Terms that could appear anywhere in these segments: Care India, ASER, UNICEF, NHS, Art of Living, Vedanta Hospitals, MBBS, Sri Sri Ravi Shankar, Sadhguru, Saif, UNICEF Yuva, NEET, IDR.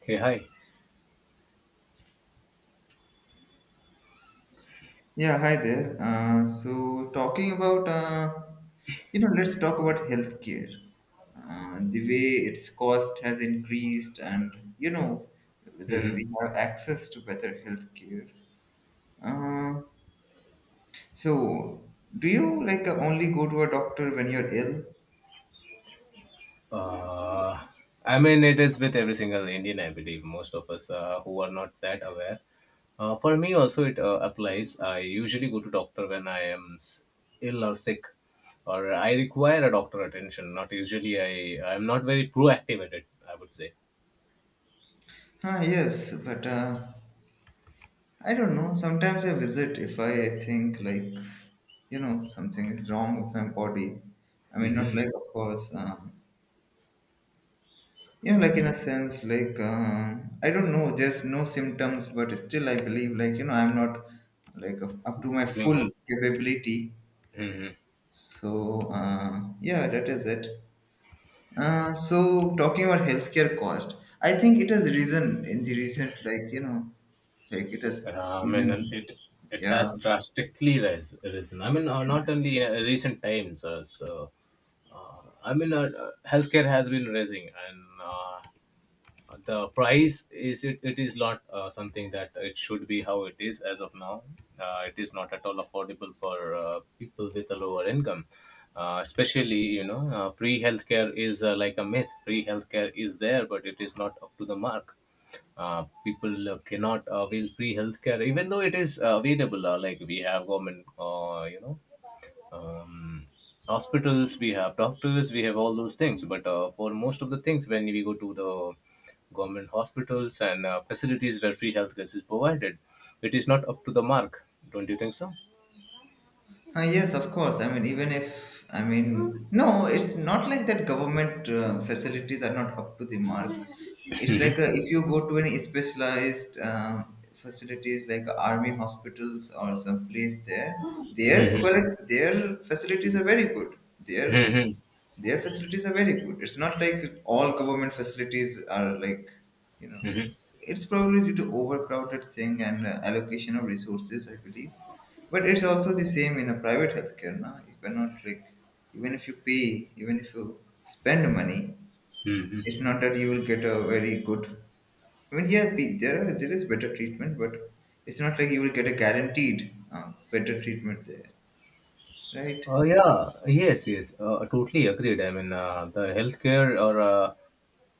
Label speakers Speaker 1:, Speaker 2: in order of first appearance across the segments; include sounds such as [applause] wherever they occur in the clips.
Speaker 1: Hey, hi.
Speaker 2: Yeah, hi there. So talking about, you know, Let's talk about healthcare. The way its cost has increased, and whether
Speaker 1: Mm-hmm.
Speaker 2: we have access to better healthcare. Uh, so, do you only go to a doctor when you're ill?
Speaker 1: Uh, I mean, it is with every single Indian, I believe, most of us who are not that aware. For me also, it applies. I usually go to doctor when I am ill or sick, or I require a doctor attention. Not usually, I am not very proactive at it. I would say.
Speaker 2: Ah, yes, but I don't know. Sometimes I visit if I think like, something is wrong with my body. I mean, not
Speaker 1: Mm-hmm.
Speaker 2: like, of course. Yeah, like in a sense, I don't know, just no symptoms, but still I believe, like, I'm not like up to my
Speaker 1: Doing
Speaker 2: full
Speaker 1: well.
Speaker 2: capability.
Speaker 1: Mm-hmm.
Speaker 2: so uh, yeah, that is it. uh, so talking about healthcare cost, I think it has risen in the recent, like it has
Speaker 1: I mean,
Speaker 2: risen.
Speaker 1: and it
Speaker 2: Yeah.
Speaker 1: has drastically risen. I mean, not only in recent times. So, I mean, healthcare has been raising, and the price is it is not something that it should be how it is as of now. It is not at all affordable for people with a lower income. Especially, you know, free healthcare is like a myth. Free healthcare is there, but it is not up to the mark. People cannot avail free healthcare, even though it is available. Like we have government, you know, um, hospitals, we have doctors, we have all those things. But for most of the things, when we go to the government hospitals and facilities where free healthcare is provided, it is not up to the mark. Don't you think so?
Speaker 2: Yes, of course. I mean, no, it's not like that. Government facilities are not up to the mark. It's like if you go to any specialized facilities, like army hospitals or some place there,
Speaker 1: Mhm.
Speaker 2: their facilities are very good. Their
Speaker 1: Mhm.
Speaker 2: their facilities are very good. It's not like all government facilities are like, you know,
Speaker 1: Mhm.
Speaker 2: it's probably due to overcrowded thing and allocation of resources, I believe. But it's also the same in a private healthcare, na? You cannot like, even if you pay, even if you spend money,
Speaker 1: Hmm.
Speaker 2: it's not that you will get a very good. I mean, yeah, there is better treatment, but it's not like you will get a guaranteed better treatment there, right?
Speaker 1: Oh yeah, yes, yes, totally agreed. I mean, the healthcare or uh,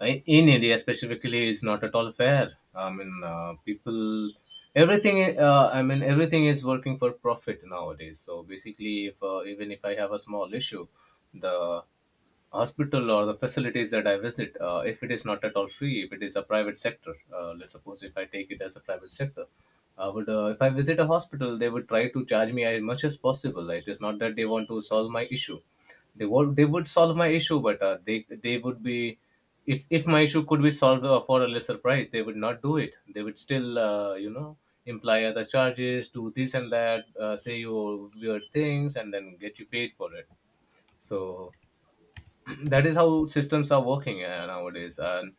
Speaker 1: i- in India specifically is not at all fair. I mean, people, everything. I mean, everything is working for profit nowadays. So basically, if even if I have a small issue, the hospital or the facilities that I visit, if it is not at all free, if it is a private sector, let's suppose if I take it as a private sector, I would, if I visit a hospital, they would try to charge me as much as possible. It is not that they want to solve my issue. They would solve my issue, but they would be, if my issue could be solved for a lesser price, they would not do it. They would still, you know, imply other charges, do this and that, say you weird things, and then get you paid for it. So, [clears throat] that is how systems are working nowadays, and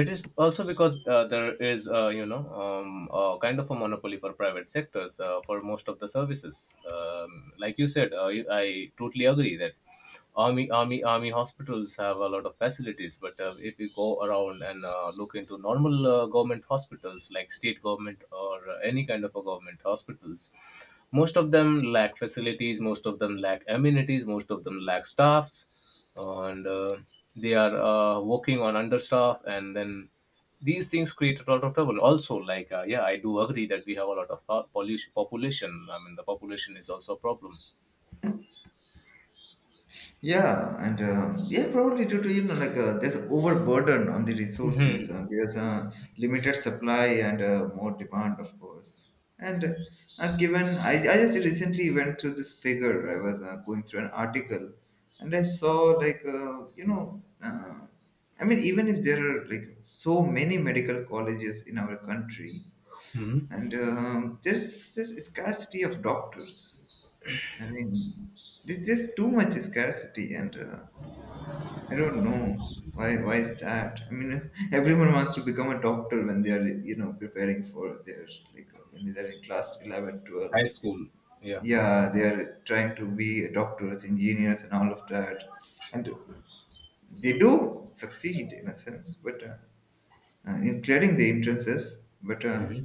Speaker 1: it is also because there is, kind of a monopoly for private sectors for most of the services, like you said, I totally agree that army hospitals have a lot of facilities, but if you go around and look into normal government hospitals like state government or any kind of a government hospitals, most of them lack facilities, most of them lack amenities, most of them lack staffs, and they are working on understaff, and then these things create a lot of trouble also. Like yeah, I do agree that we have a lot of pollution, population. I mean, the population is also a problem.
Speaker 2: Yeah, and yeah, probably due to, like there's overburden on the resources.
Speaker 1: Hmm.
Speaker 2: There's a limited supply and more demand, of course. And given I just recently went through this figure. I was going through an article, and I saw like I mean, even if there are like so many medical colleges in our country, and there's this scarcity of doctors. I mean, there's too much scarcity, and I don't know why. Why is that? I mean, [laughs] everyone wants to become a doctor when they are, preparing for their, when they're in class 11,
Speaker 1: High
Speaker 2: 12.
Speaker 1: school. Yeah.
Speaker 2: Yeah, they are trying to be doctors, engineers, and all of that, and they do succeed in a sense, but in clearing the entrances, but.
Speaker 1: Hmm.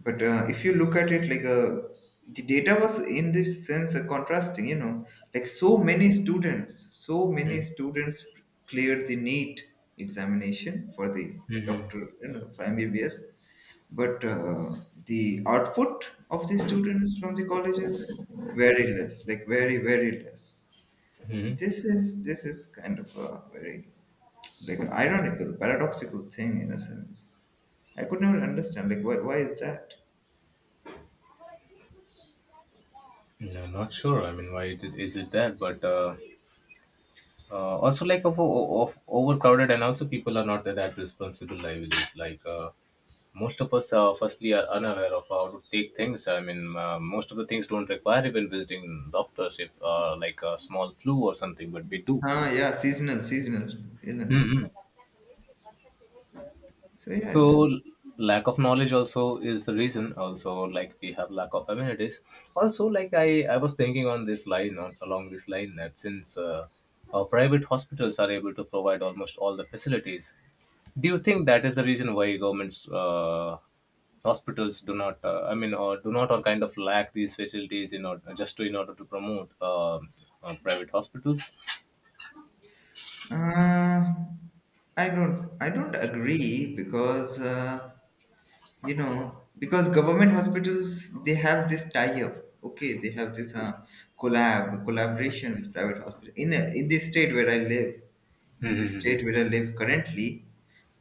Speaker 2: If you look at it like the data was in this sense contrasting, like so many students so many
Speaker 1: Hmm.
Speaker 2: students cleared the NEET examination for the
Speaker 1: Hmm.
Speaker 2: doctor, for MBBS. But the output of the students from the colleges, very less, like very, very less.
Speaker 1: Hmm.
Speaker 2: This is kind of a very like ironical, paradoxical thing in a sense. I could never understand, like why is that.
Speaker 1: I'm not sure. I mean, why it is it that? But also like of overcrowded, and also people are not that responsible, I believe. Like most of us firstly are unaware of how to take things. I mean most of the things don't require even visiting doctors if like a small flu or something, but we do.
Speaker 2: Ah, yeah, seasonal illnesses.
Speaker 1: Mhm.
Speaker 2: So yeah,
Speaker 1: So,
Speaker 2: it did.
Speaker 1: lack of knowledge also is the reason. Also, like we have lack of amenities also. Like I was thinking on this line, on along this line, that since our private hospitals are able to provide almost all the facilities, do you think that is the reason why governments hospitals do not, I mean or do not or kind of lack these facilities in order, just to in order to promote, private hospitals?
Speaker 2: Uh, I don't agree because because government hospitals, they have this tie-up. Okay, they have this collaboration with private hospital, in this state where I live currently.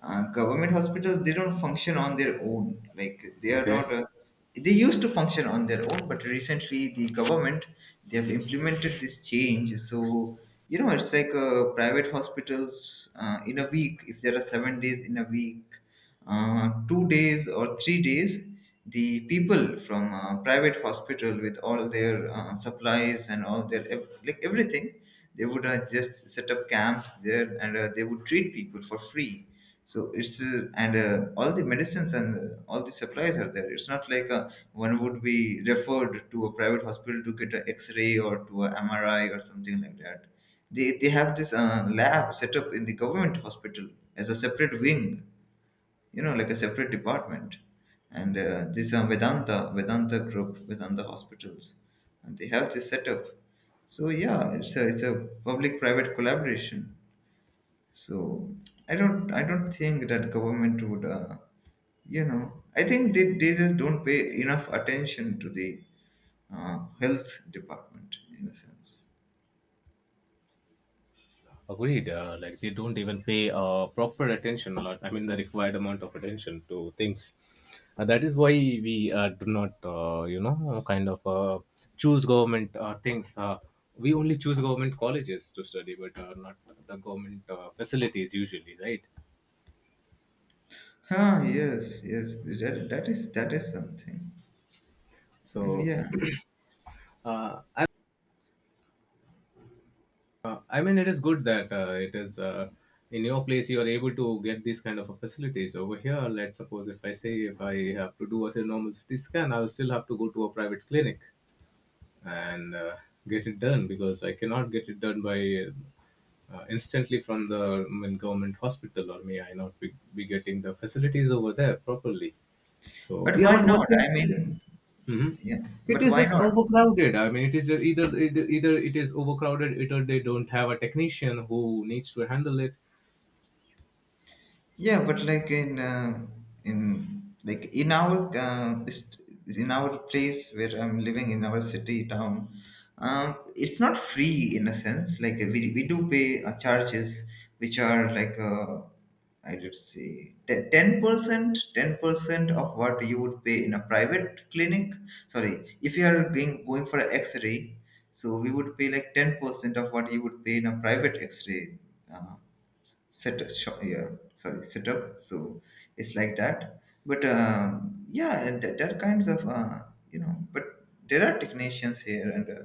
Speaker 2: Government hospitals, they don't function on their own, like they are
Speaker 1: Okay.
Speaker 2: not a— they used to function on their own, but recently the government, they have implemented this change. So it's like private hospitals, in a week, if there are 7 days in a week, 2 days or 3 days, the people from private hospital with all their supplies and all their like everything, they would just set up camps there, and they would treat people for free. So it's And all the medicines and all the supplies are there. It's not like one would be referred to a private hospital to get an X-ray or to a MRI or something like that. They have this lab set up in the government hospital as a separate wing, like a separate department. And this Vedanta, Vedanta Group, Vedanta Hospitals, and they have this setup. So yeah, it's a public-private collaboration. So I don't think that government would, I think they just don't pay enough attention to the health department in a sense.
Speaker 1: Agreed. Like they don't even pay proper attention a lot. I mean, the required amount of attention to things. That is why we do not, you know, kind of choose government things. We only choose government colleges to study, but not the government facilities usually, right?
Speaker 2: Ah, yes, yes, that is something. And
Speaker 1: So,
Speaker 2: yeah,
Speaker 1: uh, I, I mean, it is good that it is in your place you are able to get these kind of facilities over here. Let's suppose if I say if I have to do a normal CT scan, I'll still have to go to a private clinic and get it done, because I cannot get it done by instantly from the, I mean, government hospital, or may I not be, be getting the facilities over there properly. So,
Speaker 2: but
Speaker 1: yeah,
Speaker 2: why
Speaker 1: but one
Speaker 2: not?
Speaker 1: thing,
Speaker 2: I mean,
Speaker 1: mhm.
Speaker 2: yeah,
Speaker 1: It
Speaker 2: but
Speaker 1: is
Speaker 2: why
Speaker 1: just
Speaker 2: not?
Speaker 1: overcrowded. I mean, it is either it is overcrowded, either they don't have a technician who needs to handle it.
Speaker 2: Yeah, but like in like in our st- in our place where I'm living, in our city town, it's not free in a sense. Like we do pay charges which are like I did say ten percent of what you would pay in a private clinic. Sorry, if you are going for an X-ray, so we would pay like 10% of what you would pay in a private X-ray. Uh, set shop, yeah sorry Set up. So it's like that, but yeah, and that kinds of but there are technicians here, and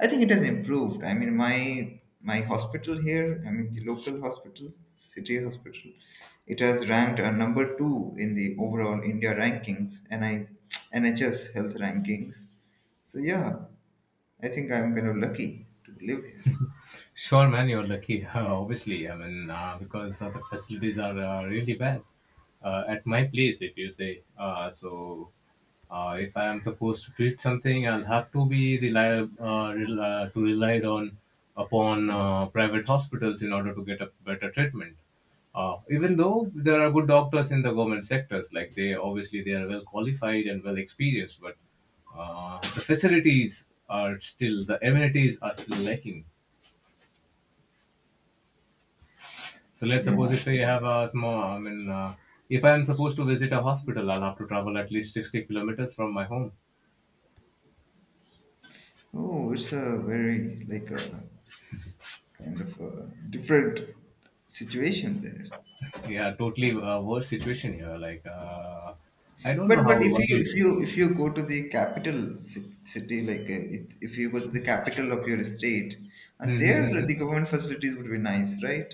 Speaker 2: I think it has improved. I mean, my hospital here, I mean the local hospital, city hospital, it has ranked number 2 in the overall India rankings, and [tsk] NHS health rankings. So yeah, I think I'm kind of lucky to live here.
Speaker 1: Sure, man, you're lucky. [laughs] Obviously, I mean, because the facilities are really bad at my place, if you say. If I am supposed to treat something, I'll have to be reliable, to relied on upon private hospitals in order to get a better treatment. Even though there are good doctors in the government sectors, like they obviously they are well qualified and well experienced, but the facilities are still, the amenities are still lacking. So let's
Speaker 2: Yeah.
Speaker 1: suppose if I have a small, I mean, if I'm supposed to visit a hospital, I'll have to travel at least 60 kilometers from my home.
Speaker 2: Oh, it's a very like a kind of a different situation there.
Speaker 1: Yeah, totally worse situation here. Like, I don't know
Speaker 2: But
Speaker 1: how,
Speaker 2: but if
Speaker 1: why.
Speaker 2: you if you if you go to the capital city, like if you go to the capital of your state, and there the
Speaker 1: [laughs]
Speaker 2: government facilities would be nice, right?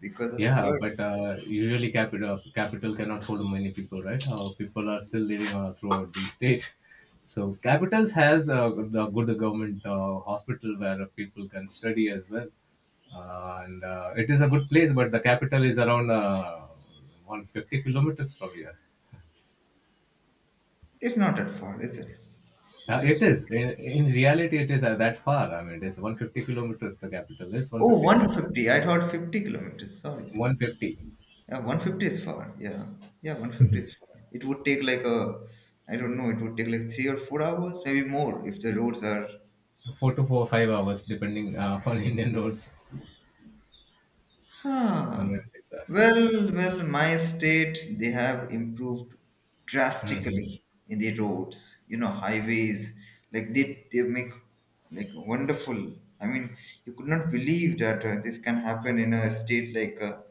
Speaker 2: Because of
Speaker 1: Yeah,
Speaker 2: her,
Speaker 1: but usually capital cannot hold many people, right? People are still living throughout the state. So capitals has a good government hospital where people can study as well, and it is a good place. But the capital is around 150 kilometers from here.
Speaker 2: it's not that far, is it? It's
Speaker 1: It
Speaker 2: just
Speaker 1: is
Speaker 2: 50.
Speaker 1: in reality it is that far. I mean, it is 150 kilometers. The capital is one hundred
Speaker 2: Oh,
Speaker 1: fifty kilometers.
Speaker 2: 150. I thought 50 kilometers. Sorry,
Speaker 1: One
Speaker 2: sorry.
Speaker 1: hundred fifty, four
Speaker 2: Yeah, 150 is far. Yeah. Yeah, 150 is far. It would take I don't know, it would take like 3 or 4 hours, maybe more if the roads are—
Speaker 1: to four five hours depending [laughs] on Indian roads and
Speaker 2: Huh.
Speaker 1: their success.
Speaker 2: Well, well, my state, they have improved
Speaker 1: Hmm.
Speaker 2: drastically in the roads, you know, highways. Like they make like wonderful. I mean, you could not believe that this can happen in a state like, uh,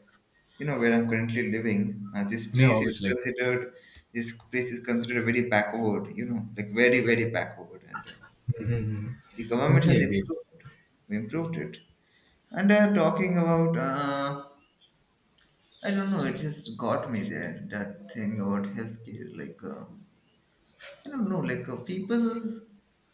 Speaker 2: you know, where I'm currently living.
Speaker 1: Yeah, obviously.
Speaker 2: This place is considered very backward, you know, like very, very backward. And the government
Speaker 1: Totally
Speaker 2: has
Speaker 1: agree.
Speaker 2: improved it. And talking about, I don't know. It just got me there. That thing about healthcare, like I don't know, like people,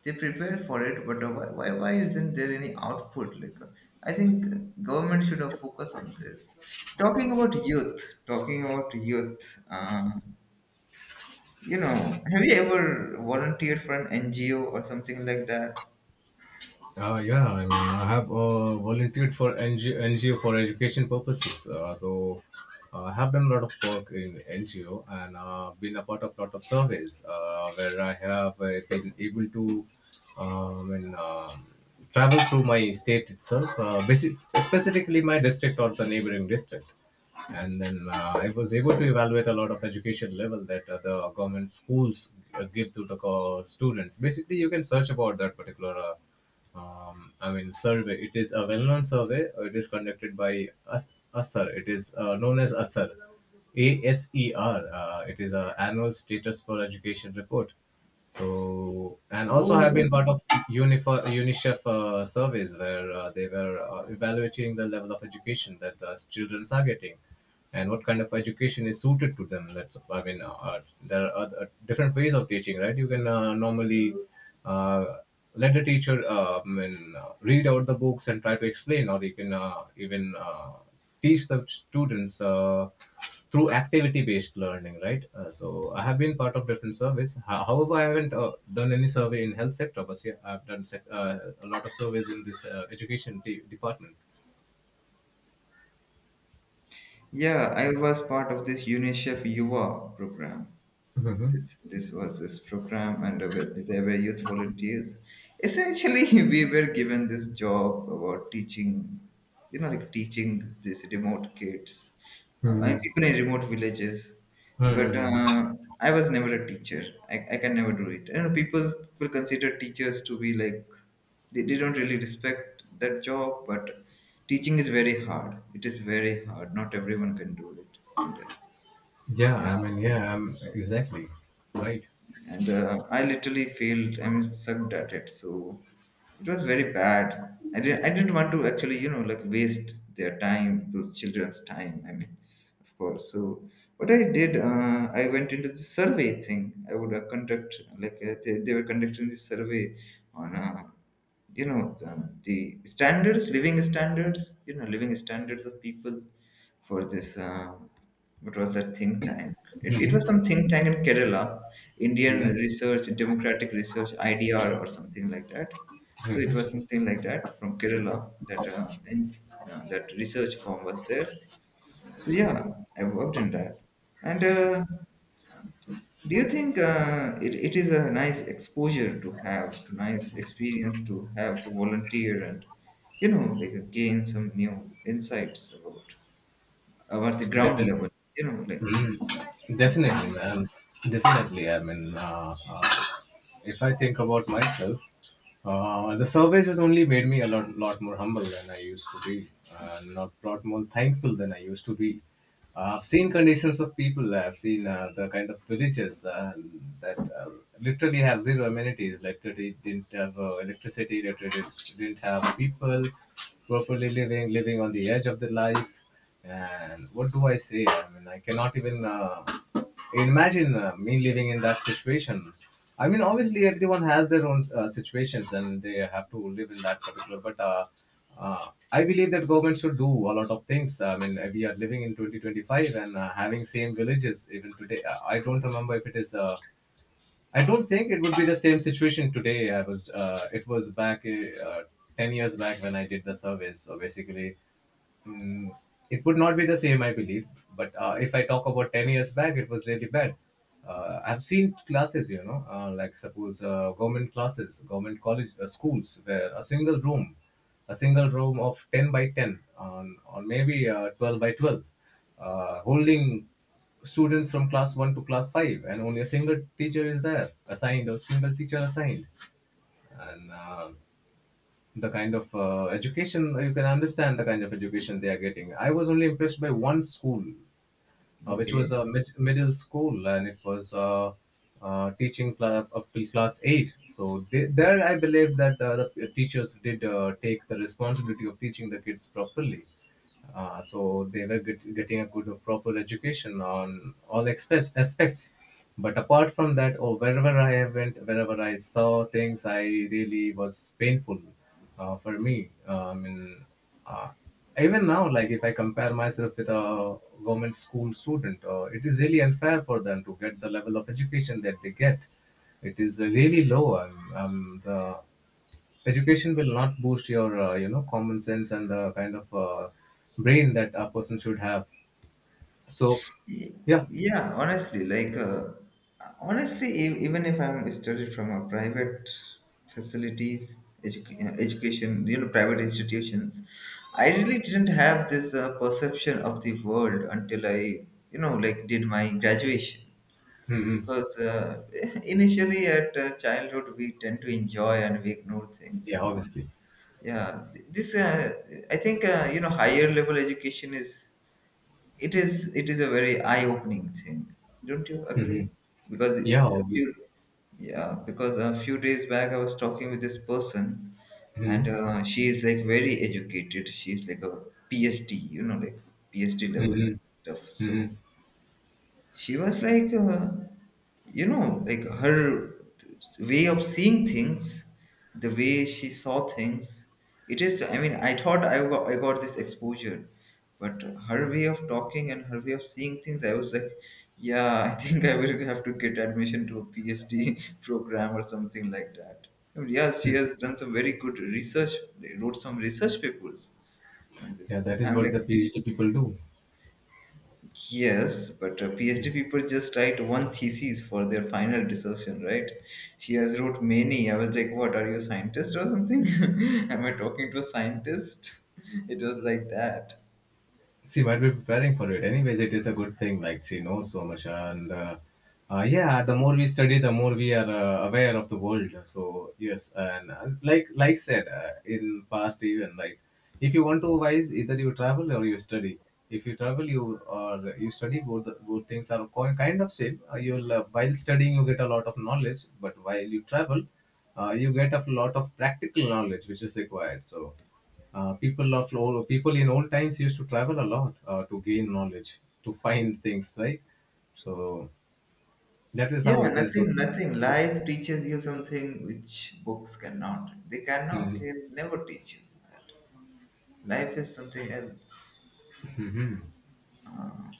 Speaker 2: they prepare for it, but why isn't there any output? Like I think government should have focused on this. Talking about youth, talking about youth. Uh, have you ever volunteered for an NGO or something like that?
Speaker 1: Yeah, I mean, I have volunteered for NGO, for education purposes. I have done a lot of work in NGO, and been a part of lot of surveys where I have been able to, um, and, um travel through my state itself, specifically my district or the neighboring district. And then I was able to evaluate a lot of education level that the government schools give to the students. Basically, you can search about that particular, I mean, survey. It is a well-known survey. It is conducted by ASER. It is known as ASER, ASER. It is a annual status for education report. So, and also have been
Speaker 2: Oh,
Speaker 1: part of UNIFA, UNICEF surveys where they were evaluating the level of education that the students are getting, and what kind of education is suited to them. That's I mean, there are other, different ways of teaching, right? You can normally uh, let the teacher, read out the books and try to explain, or you can even teach the students through activity-based learning, right? So I have been part of different surveys. However, I haven't done any survey in health sector, but yeah, I've done a lot of surveys in this education department.
Speaker 2: yeah, I was part of this UNICEF Yuva program. This was this program, and there were youth volunteers. Essentially, [laughs] we were given this job about teaching, you know, like teaching these remote kids, and people in remote villages. But
Speaker 1: Hmm.
Speaker 2: I was never a teacher. I can never do it. You know, people will consider teachers to be like they don't really respect that job. But teaching is very hard. It is very hard. Not everyone can do it. And
Speaker 1: Yeah, I
Speaker 2: yeah
Speaker 1: mean, yeah, I'm exactly. Right.
Speaker 2: I literally failed. I mean, sucked at it, so it was very bad. I didn't want to actually, you know, like waste their time, those children's time. I mean, of course. So what I did, I went into the survey thing. I would conduct like they were conducting this survey on, the standards, living standards, you know, living standards of people for this what was that think tank? It was
Speaker 1: Hmm.
Speaker 2: some think tank in Kerala, Indian
Speaker 1: Hmm.
Speaker 2: Research Democratic Research, IDR or something like that. So it was something like that from Kerala, that that research firm was there. So yeah, I worked in that. And do you think it is a nice exposure to have, to nice experience to have, to volunteer and like gain some new insights about? Over the ground
Speaker 1: Definitely.
Speaker 2: level, you know, like
Speaker 1: Mm,
Speaker 2: how
Speaker 1: definitely,
Speaker 2: things
Speaker 1: man. Definitely. I mean, if I think about myself, the service has only made me a lot more humble than I used to be, and a lot more thankful than I used to be. I've seen conditions of people. I've seen the kind of villages that literally have 0 amenities. Like they didn't have electricity. Literally didn't have people properly living on the edge of the life. And what do I say? I mean, I cannot even imagine me living in that situation. I mean, obviously, everyone has their own situations, and they have to live in that particular. But I believe that government should do a lot of things. I mean, we are living in 2025 and having same villages even today. I don't remember if it is. I don't think it would be the same situation today. It was back 10 years back when I did the survey. So basically, Mm, it would not be the same, I believe. But if I talk about 10 years back, it was really bad. I've seen classes, like suppose government classes, government college schools, where a single room of 10 by 10 on, or maybe 12 by 12, holding students from class 1 to class 5, and only a single teacher is there assigned or single teacher assigned. And The kind of education, you can understand the kind of education they are getting. I was only impressed by one school,
Speaker 2: are.
Speaker 1: uh, which was
Speaker 2: Okay.
Speaker 1: a mid- middle school, and it was teaching up till class 8. So there I believe that the teachers did take the responsibility of teaching the kids properly, so they were getting a good proper education on all express aspects. But apart from that, or wherever I went, wherever I saw things, I really was painful for me. I mean, uh, even now, like if I compare myself with a government school student, it is really unfair for them to get the level of education that they get. It is really low. The education will not boost your, common sense and the kind of brain that a person should have. So,
Speaker 2: Ye-
Speaker 1: yeah,
Speaker 2: Yeah, honestly, like, even if I'm studied from a private facilities, education, you know, private institutions, I really didn't have this perception of the world until I, you know, like did my graduation.
Speaker 1: mm-hmm.
Speaker 2: Because [laughs] initially at childhood, we tend to enjoy and we ignore things
Speaker 1: Yeah,
Speaker 2: and all.
Speaker 1: obviously,
Speaker 2: Yeah, th- this I think higher level education is, it is a very eye opening thing, don't you agree?
Speaker 1: mm-hmm.
Speaker 2: Because
Speaker 1: yeah,
Speaker 2: a
Speaker 1: obvi-
Speaker 2: few Yeah, because a few days back I was talking with this person, and
Speaker 1: mhm.
Speaker 2: she is like very educated, she's like a PhD, you know, like PhD level
Speaker 1: Mhm.
Speaker 2: stuff. So
Speaker 1: Mhm.
Speaker 2: she was like, you know, like her way of seeing things, the way she saw things, it is, I mean, I got this exposure, but her way of talking and her way of seeing things, I was like, yeah, I think I will have to get admission to a PhD [laughs] program or something like that. I mean, yes, she has done some very good research, wrote some research papers on
Speaker 1: Yeah,
Speaker 2: this.
Speaker 1: that is
Speaker 2: I'm
Speaker 1: what the
Speaker 2: like,
Speaker 1: PhD people do.
Speaker 2: yes, but PhD people just write one thesis for their final dissertation, right? She has wrote many. I was like, what, are you a scientist or something? [laughs] Am I talking to a scientist? It was like that.
Speaker 1: She might be preparing for it. Anyways, it is a good thing. Like, she knows so much, and yeah, the more we study, the more we are aware of the world. So yes, and like said in past, even like if you want to wise, either you travel or you study. If you travel, you or you study, both things are kind of same. You'll While studying, you get a lot of knowledge, but while you travel, you get a lot of practical knowledge which is required. So. People in old times used to travel a lot to gain knowledge, to find things, right? So that is how
Speaker 2: Yeah,
Speaker 1: it is.
Speaker 2: nothing, nothing. Life teaches you something which books cannot. They cannot,
Speaker 1: Mhm.
Speaker 2: can never teach you that. Life is something else.
Speaker 1: Mhm.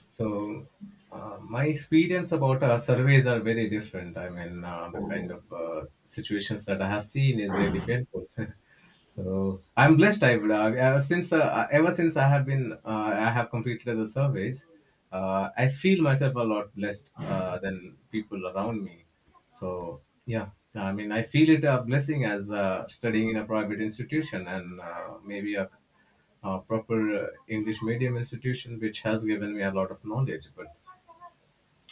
Speaker 1: So, my experience about surveys are very different. I mean, the kind of situations that I have seen is really painful. [laughs] So, I'm blessed, I would argue. Since Ever since I have completed the surveys, I feel myself a lot blessed than people around me. So yeah, I mean, I feel it a blessing, as studying in a private institution and maybe a proper English medium institution, which has given me a lot of knowledge. But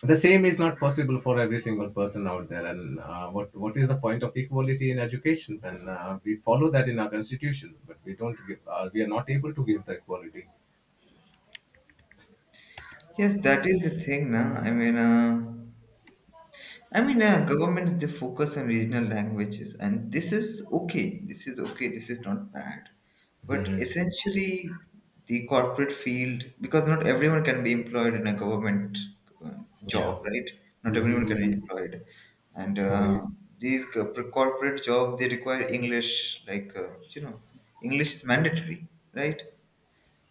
Speaker 1: the same is not possible for every single person out there. And uh, what is the point of equality in education, when we follow that in our constitution, but we don't give, we are not able to give the equality.
Speaker 2: Yes, that is the thing, na. I mean, governments, they focus on regional languages, and this is okay. This is okay. This is not bad, but
Speaker 1: Hmm.
Speaker 2: essentially, the corporate field, because not everyone can be employed in a government uh,
Speaker 1: Yeah.
Speaker 2: job, right? Not everyone can
Speaker 1: Hmm.
Speaker 2: be employed, and
Speaker 1: Wait.
Speaker 2: these corporate job, they require English, like you know, English is mandatory, right?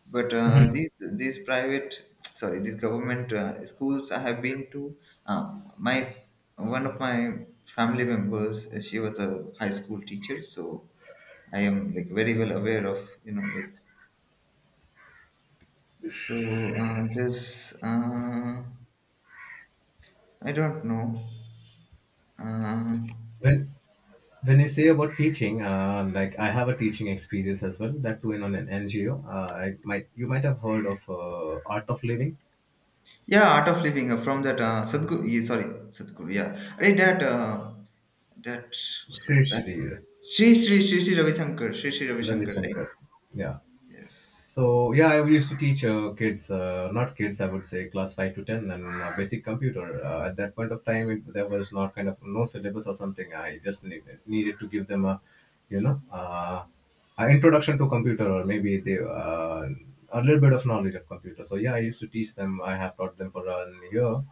Speaker 2: But these private, [tsk] sorry, these government schools I have been to. My one of my family members, she was a high school teacher, so I am like very well aware of, you know, like, so this I don't know. Uh,
Speaker 1: When when you say about teaching, like, I have a teaching experience as well. That too in on an NGO. I might you might have heard of Art of Living.
Speaker 2: yeah, Art of Living, from that Sadhguru. Yeah, sorry, Sadhguru. Yeah, I read that. That, what was
Speaker 1: Sri
Speaker 2: that?
Speaker 1: Sri.
Speaker 2: Sri Sri Ravi Shankar. Sri Sri Ravi
Speaker 1: Ravi
Speaker 2: Shankar. Right.
Speaker 1: Shankar. Yeah.
Speaker 2: Yes.
Speaker 1: So yeah, I used to teach uh, not kids, I would say class 5 to 10, and basic computer. Uh, at that point of time, there was not kind of no syllabus or something. I just needed to give them a, you know, uh, an introduction to computer, or maybe they a little bit of knowledge of computer. So yeah, I used to teach them. I have taught them for a year.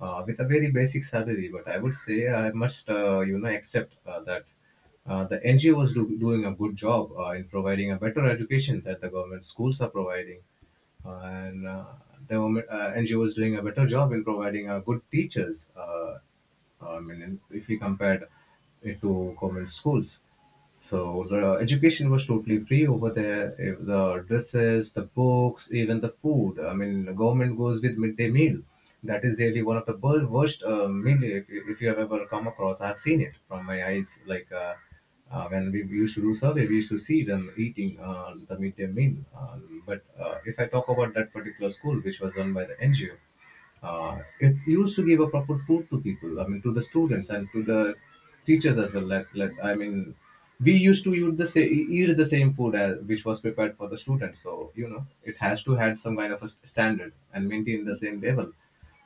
Speaker 1: With a very basic salary. But I would say I must, accept that the NGO is doing a good job in providing a better education that the government schools are providing. Uh, and uh, NGO is doing a better job in providing good teachers, I mean, if we compared it to government schools. So the education was totally free over there. If the dresses, the books, even the food. I mean, the government goes with midday meal. That is really one of the worst meal, if you have ever come across. I've seen it from my eyes. Like, when we used to do survey, we used to see them eating the midday meal. But if I talk about that particular school, which was run by the NGO, it used to give a proper food to people, I mean, to the students and to the teachers as well. I mean, we used to eat the, eat the same food as, which was prepared for the students. So, you know, it has to had some kind of a standard and maintain the same level.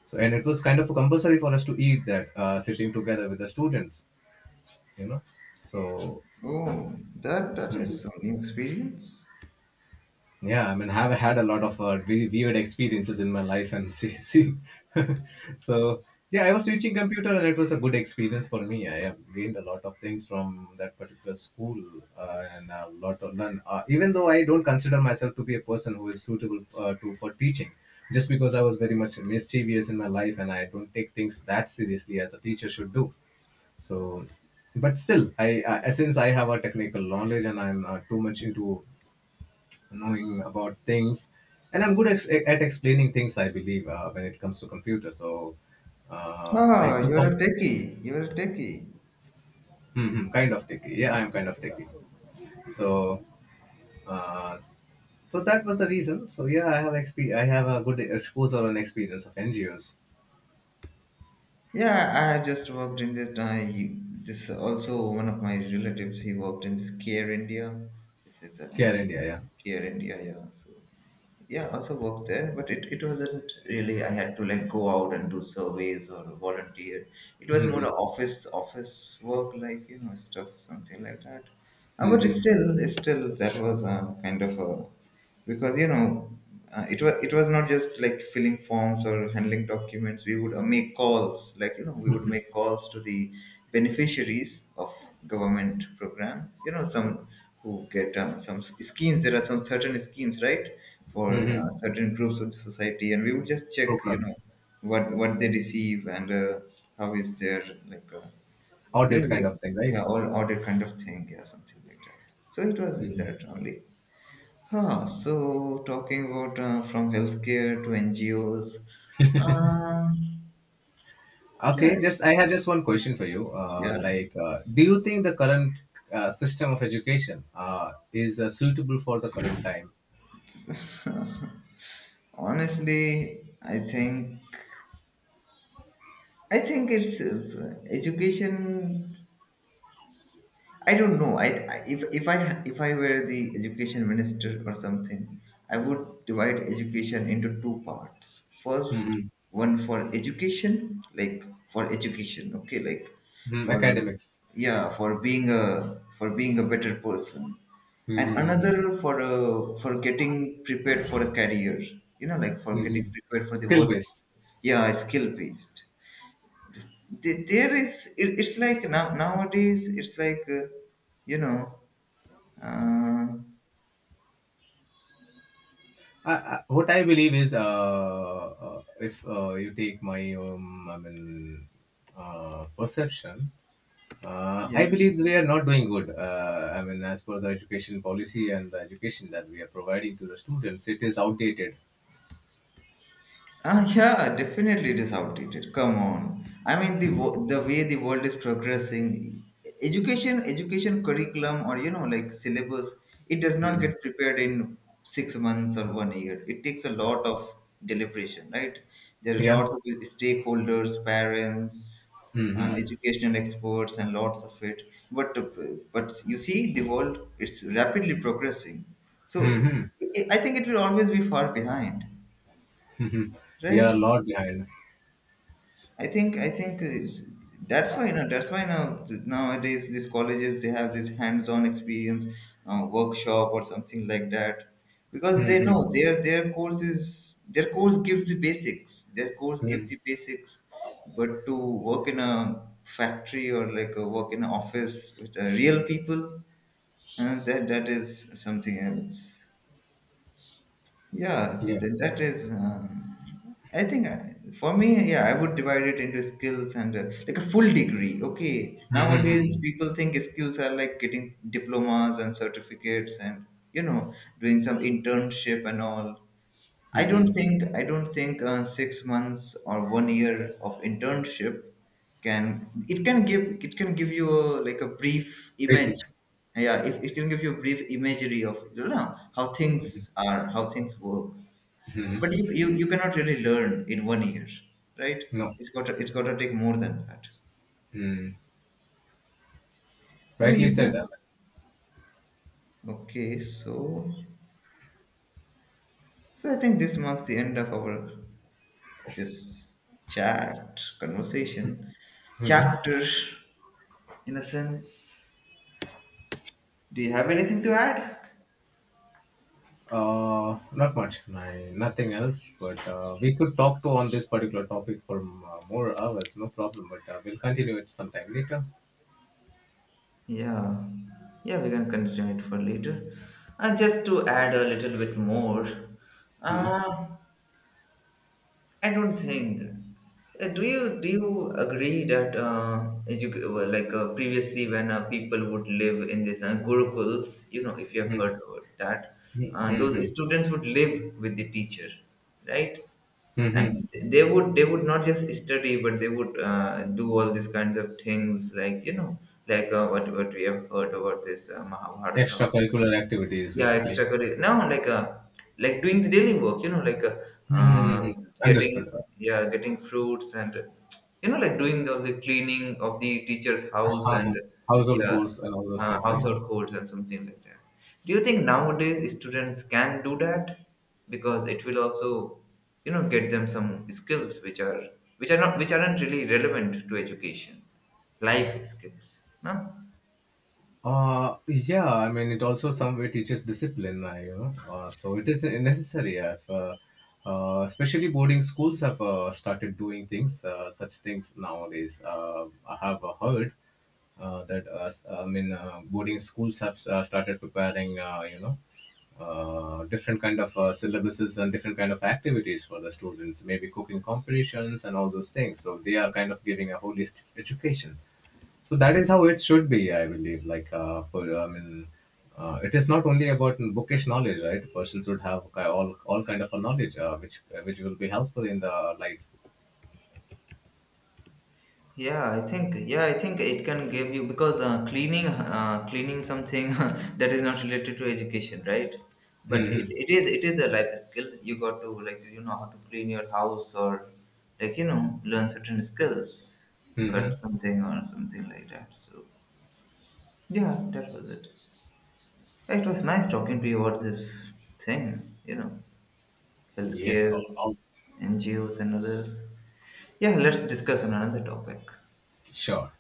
Speaker 1: So, and it was kind of compulsory for us to eat that, sitting together with the students, you know. So.
Speaker 2: Oh, that is some new experience.
Speaker 1: Yeah, I mean, I've had a lot of weird experiences in my life, and [laughs] see, see. So yeah, I was switching computer, and it was a good experience for me. I have gained a lot of things from that particular school, and a lot of learn. Even though I don't consider myself to be a person who is suitable to for teaching, just because I was very much mischievous in my life, and I don't take things that seriously as a teacher should do. So, but still I since I have a technical knowledge, and I'm too much into knowing about things, and I'm good at explaining things, I believe when it comes to computer. So I
Speaker 2: Ah,
Speaker 1: took
Speaker 2: you're
Speaker 1: on
Speaker 2: a techie. You're a techie.
Speaker 1: hmm hmm, kind of techie, yeah, I'm kind of techie. So uh, so that was the reason. So yeah, I have I have a good exposure and experience of NGOs
Speaker 2: Yeah, I had just worked in this. I, this also one of my relatives. He worked in this Care India. This is an
Speaker 1: here in
Speaker 2: NGO.
Speaker 1: India. Yeah,
Speaker 2: Care India. Yeah. So yeah, also worked there, but it wasn't really. I had to like go out and do surveys or volunteer. It was more
Speaker 1: mm-hmm.
Speaker 2: a office work, like you know, stuff, something like that. But
Speaker 1: Mm-hmm.
Speaker 2: still, still that was a kind of a, because you know, it was, it was not just like filling forms or handling documents. We would make calls, like you know, we would make calls to the beneficiaries of government programs, you know, some who get some schemes, there are some certain schemes, right, for
Speaker 1: Mm-hmm.
Speaker 2: certain groups of society, and we would just check, you
Speaker 1: Programs.
Speaker 2: know, what they receive, and how is their, like you
Speaker 1: Audit
Speaker 2: know,
Speaker 1: kind
Speaker 2: like,
Speaker 1: of thing, right?
Speaker 2: yeah, all audit kind of thing, yeah, something like that. So it was
Speaker 1: Mm-hmm.
Speaker 2: that only. Huh, so talking about, from healthcare to NGOs, uh, yeah,
Speaker 1: Okay, just, I had just one question for you.
Speaker 2: yeah.
Speaker 1: Do you think the current system of education is suitable for the current time?
Speaker 2: [laughs] Honestly, I think, I think it's education. I don't know. I if I if I were the education minister or something, I would divide education into two parts. First,
Speaker 1: Mm-hmm.
Speaker 2: one for education, like, for education, okay, like,
Speaker 1: Mm,
Speaker 2: for,
Speaker 1: academics,
Speaker 2: yeah, for being a, for being a better person, and
Speaker 1: mm-hmm. Mm-hmm.
Speaker 2: another for getting prepared for a career, you know, like for getting
Speaker 1: Mm-hmm.
Speaker 2: prepared for the
Speaker 1: Skill
Speaker 2: world.
Speaker 1: based.
Speaker 2: Yeah, skill based. there is it's like now, nowadays it's like, you know uh,
Speaker 1: What I believe is, if you take my I mean, perception,
Speaker 2: yeah.
Speaker 1: I believe we are not doing good. I mean, as per the education policy and the education that we are providing to the students, it is outdated.
Speaker 2: Ah, yeah, definitely it is outdated. Come on. I mean, the the way the world is progressing, education, education curriculum, or you know, like syllabus, it does not get
Speaker 1: [laughs]
Speaker 2: prepared in 6 months or one year. It takes a lot of deliberation, right? There are
Speaker 1: Yeah.
Speaker 2: lots of stakeholders, parents,
Speaker 1: Mhm.
Speaker 2: educational experts, and lots of it. But but you see, the world, it's rapidly progressing. So
Speaker 1: Mhm.
Speaker 2: I think it will always be far behind,
Speaker 1: Mhm. We are
Speaker 2: right?
Speaker 1: a lot behind.
Speaker 2: I think, I think it's, that's why now, that's why now nowadays these colleges they have this hands-on experience workshop or something like that, because they
Speaker 1: Mhm.
Speaker 2: know their course is their course gives the basics, their course gives
Speaker 1: Mhm.
Speaker 2: the basics, but to work in a factory or like a work in an office with real people, that is something else. Yeah,
Speaker 1: Yeah.
Speaker 2: then that is. I think I, for me, yeah, I would divide it into skills and like a full degree. Okay, nowadays
Speaker 1: Mhm.
Speaker 2: people think skills are like getting diplomas and certificates and, you know, doing some internship and all. I don't
Speaker 1: Mhm.
Speaker 2: think I don't think uh, 6 months or one year of internship can, it can give you a, like a brief image.
Speaker 1: Basic.
Speaker 2: Yeah, it can give you a brief imagery of, you know, how things are, how things work, but you cannot really learn in one year, right?
Speaker 1: No.
Speaker 2: It's got to take more than that.
Speaker 1: Mm.
Speaker 2: I mean,
Speaker 1: Rightly
Speaker 2: you
Speaker 1: said,
Speaker 2: can.
Speaker 1: Alan.
Speaker 2: Okay, so, so I think this marks the end of our, this chat conversation
Speaker 1: Mhm.
Speaker 2: chapter, in a sense. Do you have anything to add?
Speaker 1: Not much. My, nothing else. But we could talk to on this particular topic for more hours. No problem. But we'll continue it sometime later.
Speaker 2: Yeah, yeah, we can continue it for later. And just to add a little bit more,
Speaker 1: Mhm.
Speaker 2: uh, I don't think. Do you agree that well, like previously when people would live in this gurukuls, you know, if you have
Speaker 1: Mhm.
Speaker 2: heard about that, those
Speaker 1: Mhm.
Speaker 2: students would live with the teacher, right?
Speaker 1: Mhm.
Speaker 2: And they would not just study, but they would do all these kinds of things, like you know, like what we have heard about this Mahabharata.
Speaker 1: Extracurricular activities,
Speaker 2: Yeah,
Speaker 1: basically.
Speaker 2: extracurricular. Now, like doing the daily work, you know, like uh,
Speaker 1: Mhm.
Speaker 2: getting,
Speaker 1: Understood.
Speaker 2: yeah, getting fruits and, you know, like doing the cleaning of the teacher's house and,
Speaker 1: [laughs] Household
Speaker 2: yeah,
Speaker 1: chores and all those things, right?
Speaker 2: household chores and something like that. Do you think nowadays students can do that? Because it will also, you know, get them some skills which are, which are not, which aren't really relevant to education, life skills. No?
Speaker 1: Yeah, I mean, it also somewhere teaches discipline, so it is necessary. If, Especially boarding schools have started doing things, such things nowadays. I have heard that, I mean, boarding schools have started preparing, different kind of syllabuses and different kind of activities for the students, maybe cooking competitions and all those things. So they are kind of giving a holistic education. So that is how it should be, I believe. Like, for I mean, it is not only about bookish knowledge, right? Persons would have all kind of a knowledge, which will be helpful in the life.
Speaker 2: Yeah, I think, yeah, I think it can give you, because cleaning something [laughs] that is not related to education, right? But
Speaker 1: Hmm.
Speaker 2: it is, it is a life skill. You got to, like you know, how to clean your house or, like you know, learn certain skills,
Speaker 1: Hmm.
Speaker 2: cut something or something like that. So yeah, that was it. It was nice talking to you about this thing, you know,
Speaker 1: Yes.
Speaker 2: healthcare, NGOs and others. Yeah, let's discuss on another topic.
Speaker 1: Sure.